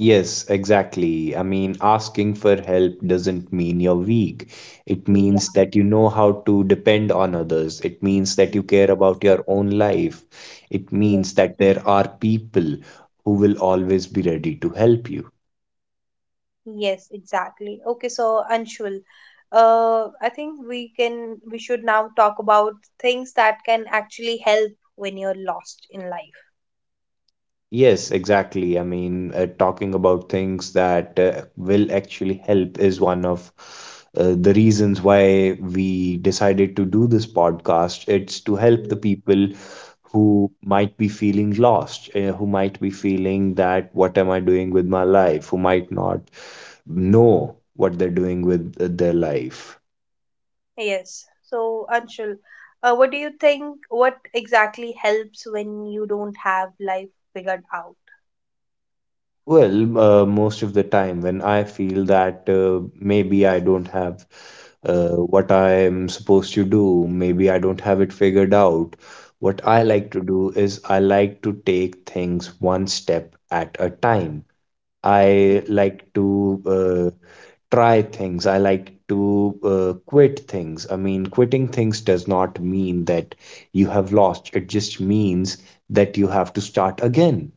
Speaker 2: Yes, exactly. I mean, asking for help doesn't mean you're weak. It
Speaker 1: Yeah,
Speaker 2: means that you know how to depend on others. It means that you care
Speaker 1: yes,
Speaker 2: about your own life. It
Speaker 1: yeah.
Speaker 2: means that there are people who will always be ready to help you.
Speaker 1: Yes, exactly. Okay, so Anshul, I think we should now talk about things that can actually help when you're lost in life.
Speaker 2: Yes, exactly. I mean, talking about things that will actually help is one of the reasons why we decided to do this podcast. It's to help the people who might be feeling lost, who might be feeling that what am I doing with my life, who might not know what they're doing with their life.
Speaker 1: Yes. So, Anshul, what do you think? What exactly helps when you don't have life figured out?
Speaker 2: Well, most of the time when I feel that maybe I don't have what I am supposed to do, maybe I don't have it figured out, what I
Speaker 1: Yes.
Speaker 2: like to do is I like to take things one step at a time. I like to try things. I like to quit things. I mean, quitting things does not mean that you have lost. It just means that you have to start again.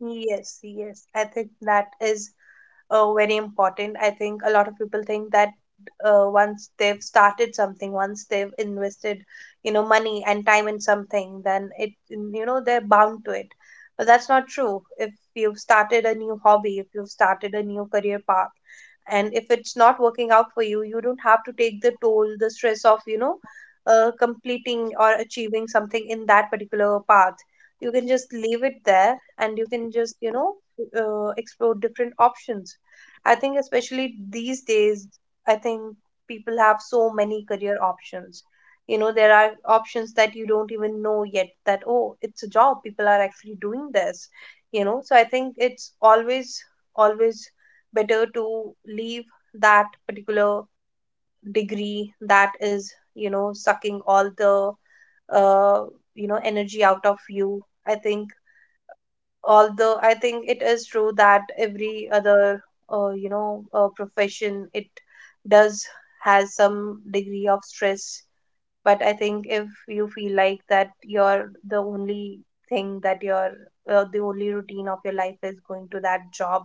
Speaker 1: Yes, yes. I think that is very important. I think a lot of people think that once they've started something, once they've invested, money and time in something, then it, they're bound to it. But that's not true. If you've started a new hobby, if you've started a new career path, and if it's not working out for you, you don't have to take the toll, the stress of, completing or achieving something in that particular path. You can just leave it there and you can just, explore different options. I think, especially these days, I think people have so many career options. There are options that you don't even know yet, that oh, it's a job. People are actually doing this. So I think it's always, always better to leave that particular degree that is, sucking all the, uh, energy out of you. I think, although I think it is true that every other profession, it does has some degree of stress. But I think if you feel like that you're the only thing that you're, the only routine of your life is going to that job,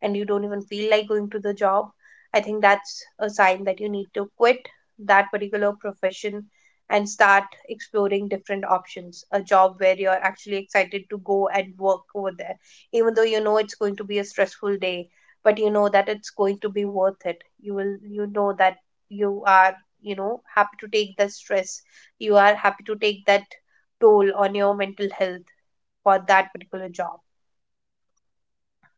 Speaker 1: and you don't even feel like going to the job, I think that's a sign that you need to quit that particular profession and start exploring different options. A job where you're actually excited to go and work over there, even though you know it's going to be a stressful day, but you know that it's going to be worth it. You will, you know that you are, happy to take the stress. You are happy to take that toll on your mental health for that particular job.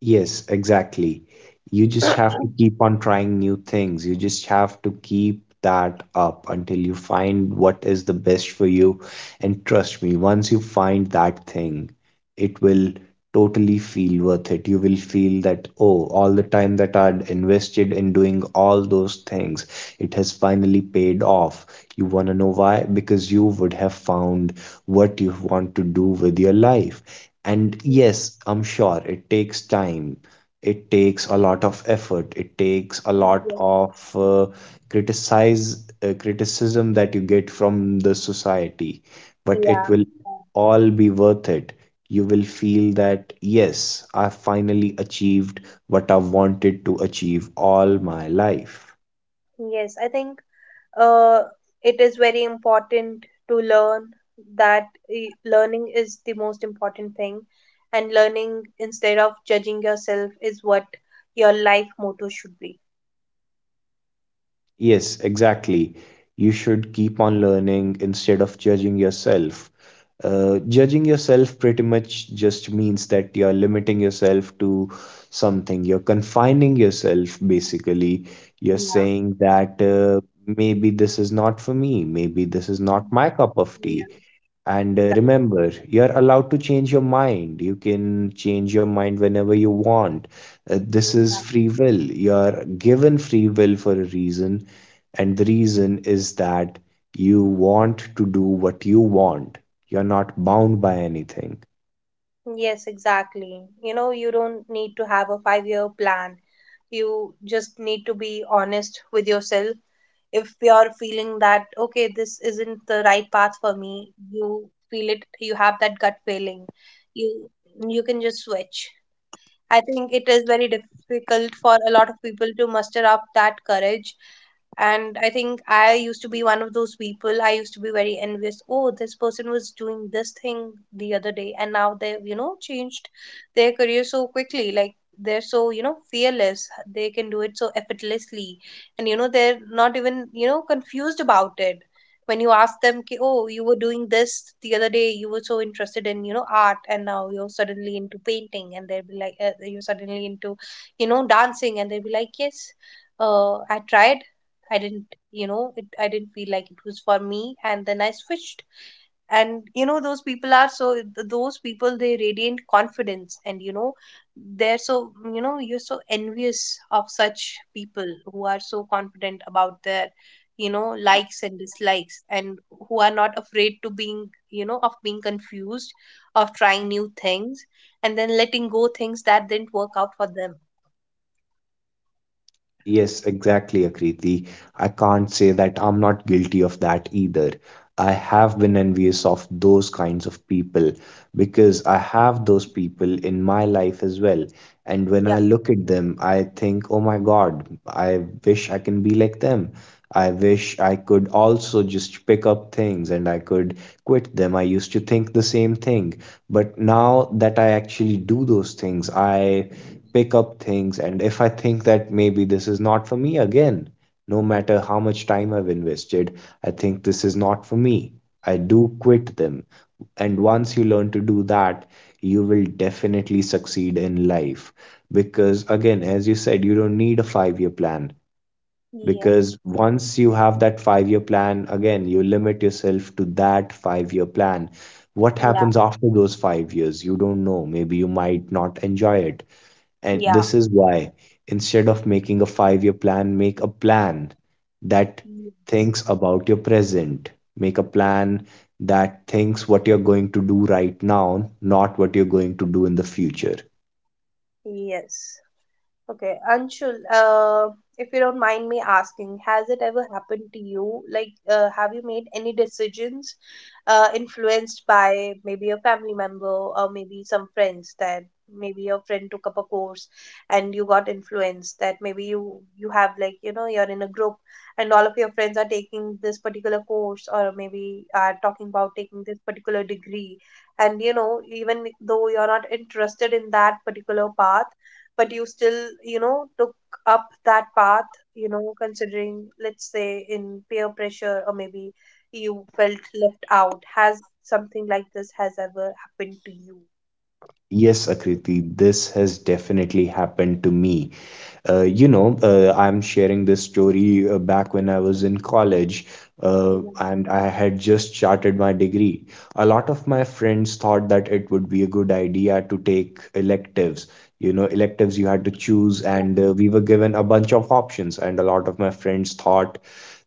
Speaker 2: Yes, exactly. You just have to
Speaker 1: *coughs*
Speaker 2: keep on trying new things. You just have to keep that up until you find what is the best for you. And trust me, once you find that thing, it will totally feel worth it. You will feel that, oh, all the time that I'd invested in doing all those things, it has finally paid off. You want to know why? Because you would have found what you want to do with your life. And yes, I'm sure it takes time. It takes a lot of effort. It takes a lot
Speaker 1: Yes.
Speaker 2: of criticize criticism that you get from the society, but it
Speaker 1: Yeah.
Speaker 2: will all be worth it. You will feel that yes, I finally achieved what I wanted to achieve all my life.
Speaker 1: Yes, I think uh, it is very important to learn that learning is the most important thing, and learning instead of judging yourself is what your life motto should be.
Speaker 2: Yes, exactly. You should keep on learning instead of judging yourself. Judging yourself pretty much just means that you're limiting yourself to something. You're confining yourself, basically. You're
Speaker 1: Yeah.
Speaker 2: saying that maybe this is not for me, maybe this is not
Speaker 1: Mhm.
Speaker 2: my cup of
Speaker 1: Yeah.
Speaker 2: tea. And
Speaker 1: Exactly.
Speaker 2: remember, you're allowed to change your mind. You can change your mind whenever you want. This is
Speaker 1: Yeah.
Speaker 2: free will. You're given free will for a reason, and the reason is that you want to do what you want. You're not bound by anything.
Speaker 1: Yes, exactly. You don't need to have a 5-year plan. You just need to be honest with yourself. If you're feeling that, okay, this isn't the right path for me, you feel it, you have that gut feeling, you you can just switch. I think it is very difficult for a lot of people to muster up that courage. And I think I used to be one of those people. I used to be very envious. Oh, this person was doing this thing the other day, and now they've, changed their career so quickly. Like they're so, fearless. They can do it so effortlessly. And, they're not even, confused about it when you ask them ki, oh, you were doing this the other day, you were so interested in art, and now you're suddenly into painting, and they'll be like, you're suddenly into dancing, and they'll be like, yes, I tried, I didn't it, I didn't feel like it was for me, and then I switched. And those people are so, those people they radiate confidence. And they're so, you're so envious of such people who are so confident about their likes and dislikes, and who are not afraid to being, of being confused, of trying new things, and then letting go things that didn't work out for them.
Speaker 2: Yes, exactly, Akriti. I can't say that I'm not guilty of that either. I have been envious of those kinds of people because I have those people in my life as well. And when
Speaker 1: Yeah.
Speaker 2: I look at them, I think, oh my God, I wish I can be like them. I wish I could also just pick up things and I could quit them. I used to think the same thing. But now that I actually do those things, I pick up things. And if I think that maybe this is not for me again, no matter how much time I've invested, I think this is not for me. I do quit them. And once you learn to do that, you will definitely succeed in life. Because, again, as you said, you don't need a 5-year plan. Because
Speaker 1: Yes.
Speaker 2: once you have that 5-year plan, again, you limit yourself to that 5-year plan. What
Speaker 1: Yeah.
Speaker 2: happens after those 5 years? You don't know. Maybe you might not enjoy it. And
Speaker 1: Yeah.
Speaker 2: this is why, instead of making a 5-year plan, make a plan that thinks about your present. Make a plan that thinks what you're going to do right now, not what you're going to do in the future.
Speaker 1: Yes. Okay, Anshul, if you don't mind me asking, has it ever happened to you? Like, have you made any decisions influenced by maybe a family member or maybe some friends that maybe your friend took up a course and you got influenced, that maybe you have like, you're in a group, and all of your friends are taking this particular course or maybe are talking about taking this particular degree. And even though you're not interested in that particular path, but you still, took up that path, considering, let's say, in peer pressure, or maybe you felt left out. Has something like this has ever happened to you?
Speaker 2: Yes, Akriti, this has definitely happened to me. I'm sharing this story back when I was in college,
Speaker 1: Yeah,
Speaker 2: and I had just started my degree. A lot of my friends thought that it would be a good idea to take electives. Electives you had to choose,
Speaker 1: yeah,
Speaker 2: and we were given a bunch of options. And a lot of my friends thought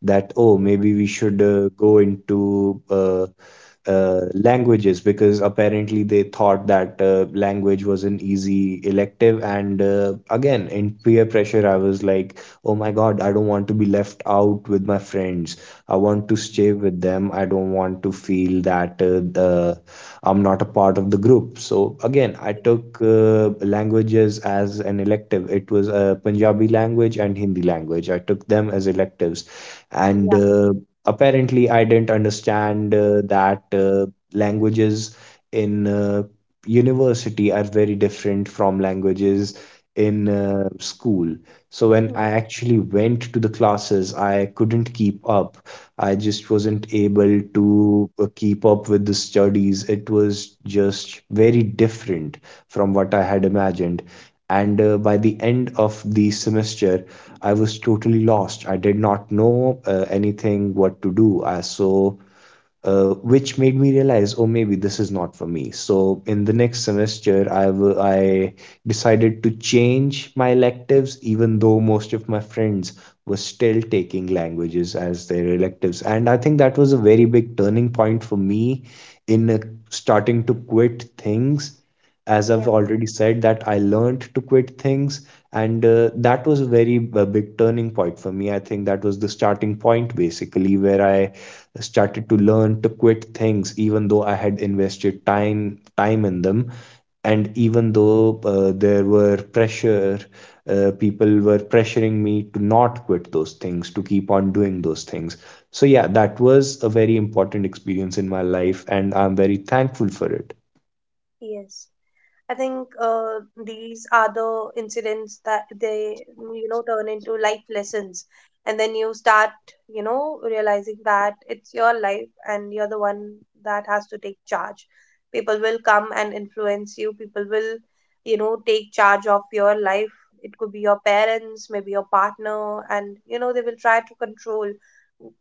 Speaker 2: that, oh, maybe we should go into languages, because apparently they thought that language was an easy elective. And again, in peer pressure, I was like, oh my God, I don't want to be left out with my friends. I want to
Speaker 1: mhm,
Speaker 2: stay with them. I don't want to feel that I'm not a part of the group. So again, I
Speaker 1: yeah,
Speaker 2: took languages as an elective. It was Punjabi language and Hindi language. I took them as electives. And
Speaker 1: yeah,
Speaker 2: apparently I didn't understand that languages in university are very different from languages in school. So when I
Speaker 1: mhm,
Speaker 2: actually went to the classes, I couldn't keep up. I just wasn't able to keep up with the studies. It was just very different from what I had imagined. And by the end of the semester, I was totally lost. I did not know anything what to do. I so which made me realize, oh, maybe this is not for me. So in the next semester, I decided to change my electives, even though most of my friends were still taking languages as their electives. And I think that was a very big turning point for me in starting to quit things. As I've
Speaker 1: yeah,
Speaker 2: already said, that I learned to quit things, and
Speaker 1: mm,
Speaker 2: that was a very big turning point for me. I think that was the starting point, basically, where I started to learn to quit things, even though I had invested time in them, and even though there were pressure people were pressuring me to not quit those things, to keep on doing those things. So yeah, that was a very important experience in my life, and I'm very thankful for it.
Speaker 1: yes. I think these are the incidents that they, turn into life lessons. And then you start, realizing that it's your life and you're the one that has to take charge. People will come and influence you. People will, take charge of your life. It could be your parents, maybe your partner, and, they will try to control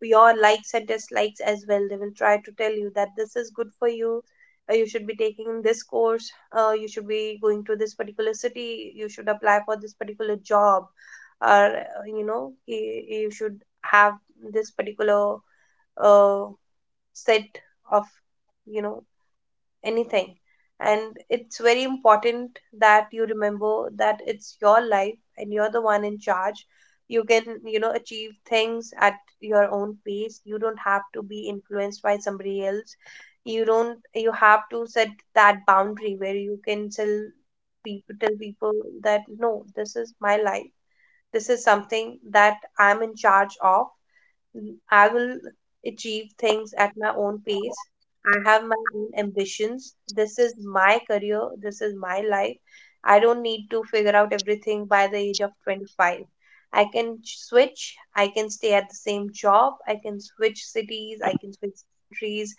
Speaker 1: your likes and dislikes as well. They will try to tell you that this is good for you, you should be taking this course, you should be going to this particular city, you should apply for this particular job, or you should have this particular uh, set of you know anything. And it's very important that you remember that it's your life and you're the one in charge. You can achieve things at your own pace. You don't have to be influenced by somebody else. You don't You have to set that boundary where you can tell people that, no, this is my life. This is something that I'm in charge of. Mm, I will achieve things at my own pace. I have my own ambitions. This is my career. This is my life. I don't need to figure out everything by the age of 25. I can switch. I can stay at the same job. I can switch cities. I can switch countries.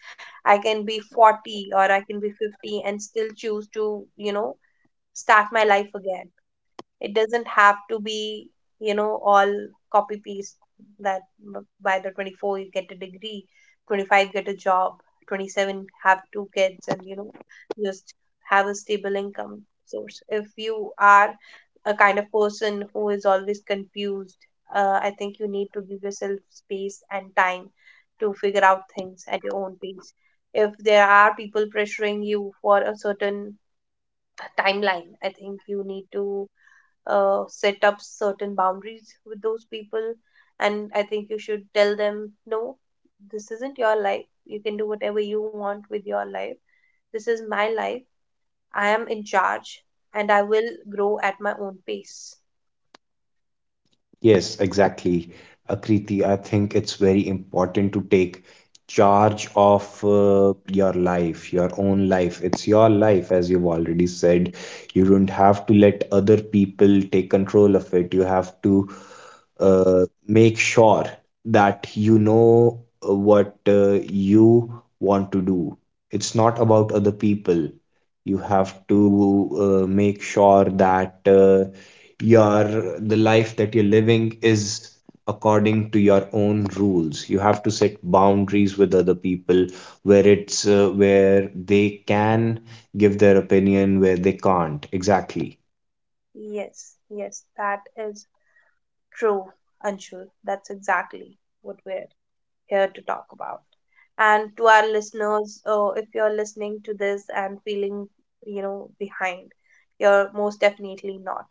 Speaker 1: I can be 40 or I can be 50 and still choose to, start my life again. It doesn't have to be, all copy paste, that by the 24 you get a degree, 25 get a job, 27 have two kids and, just have a stable income source. If you are a kind of person who is always confused, I think you need to give yourself space and time to figure out things at your own pace. If there are people pressuring you for a certain timeline, I think you need to set up certain boundaries with those people. And I think you should tell them, no, this isn't your life. You can do whatever you want with your life. This is my life. I am in charge and I will grow at my own pace.
Speaker 2: Yes, exactly. Akriti, I think it's very important to take charge of your life, your own life. It's your life, as you've already said. You don't have to let other people take control of it. You have to uh, make sure that you know what you want to do. It's not about other people. You have to make sure that. Your The life that you're living is according to your own rules. You have to set boundaries with other people where it's where they can give their opinion, where they can't, exactly.
Speaker 1: Yes, yes, that is true, Anshul. That's exactly what we're here to talk about. And to our listeners, if you're listening to this and feeling, behind, you're most definitely not.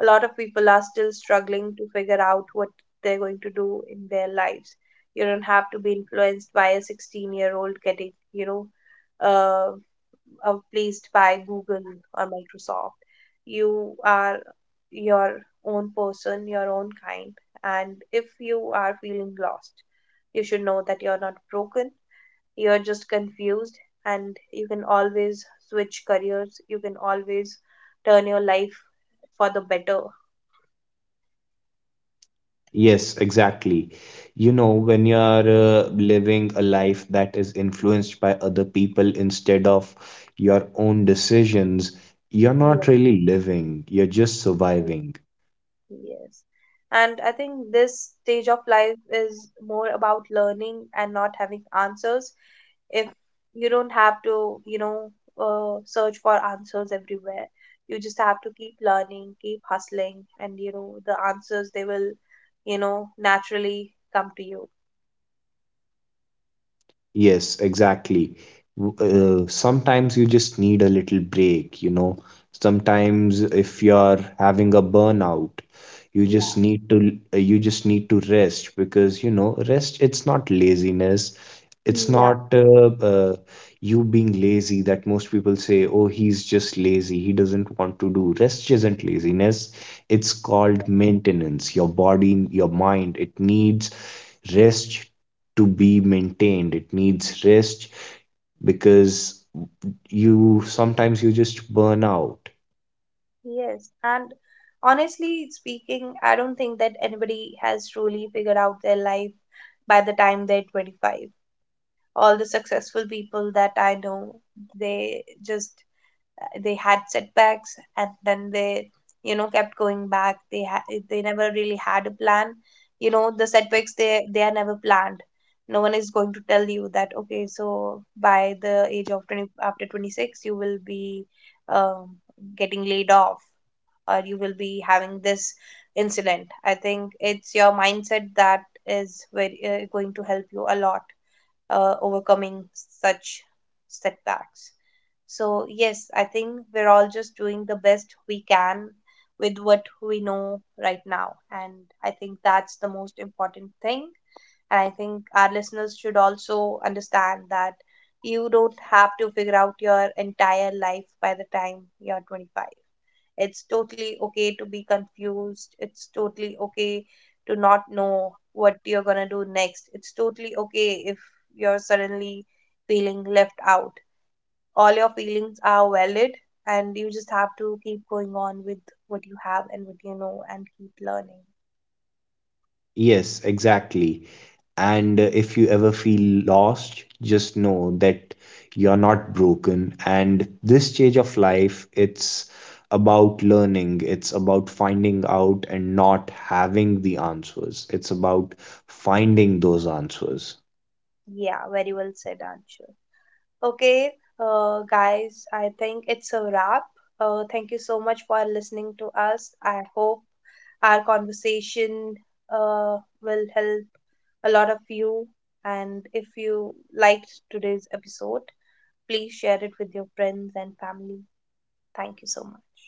Speaker 1: A lot of people are still struggling to figure out what they're going to do in their lives. You don't have to be influenced by a 16-year-old getting, uh, placed by Google or Microsoft. You are your own person, your own kind. And if you are feeling lost, you should know that you're not broken, you're just confused, and you can always switch careers, you can always turn your life for the better.
Speaker 2: Yes, exactly. When you're living a life that is influenced by other people instead of your own decisions, you're not
Speaker 1: Yes.
Speaker 2: really living, you're just surviving.
Speaker 1: Yes. And I think this stage of life is more about learning and not having answers. If you don't have to, search for answers everywhere, you just have to keep learning, keep hustling, and the answers they will, naturally come to you.
Speaker 2: Yes, exactly. Sometimes you just need a little break. Sometimes if you're having a burnout, you just
Speaker 1: Yeah.
Speaker 2: need to rest, because rest, it's not laziness. It's
Speaker 1: Yeah.
Speaker 2: not you being lazy that most people say, oh, he's just lazy. He doesn't want to do. Rest isn't laziness. It's called maintenance. Your body, your mind, it needs rest to be maintained. It needs rest because you sometimes you just burn out.
Speaker 1: Yes. And honestly speaking, I don't think that anybody has truly figured out their life by the time they're 25. All the successful people that I know, they just, they had setbacks and then they, kept going back. They had, they never really had a plan. The setbacks they are never planned. No one is going to tell you that, okay, so by the age of 20 after 26 you will be um, getting laid off or you will be having this incident. I think it's your mindset that is very going to help you a lot overcoming such setbacks. So, yes, I think we're all just doing the best we can with what we know right now. And I think that's the most important thing. And I think our listeners should also understand that you don't have to figure out your entire life by the time you're 25. It's totally okay to be confused. It's totally okay to not know what you're going to do next. It's totally okay if you're suddenly feeling left out. All your feelings are valid, and you just have to keep going on with what you have and what you know and keep learning.
Speaker 2: Yes, exactly. And if you ever feel lost, just know that you're not broken, and this stage of life, it's about learning, it's about finding out and not having the answers, it's about finding those answers.
Speaker 1: Yeah, very well said, Anshu. Okay, guys, I think it's a wrap. Thank you so much for listening to us. I hope our conversation uh, will help a lot of you. And if you liked today's episode, please share it with your friends and family. Thank you so much.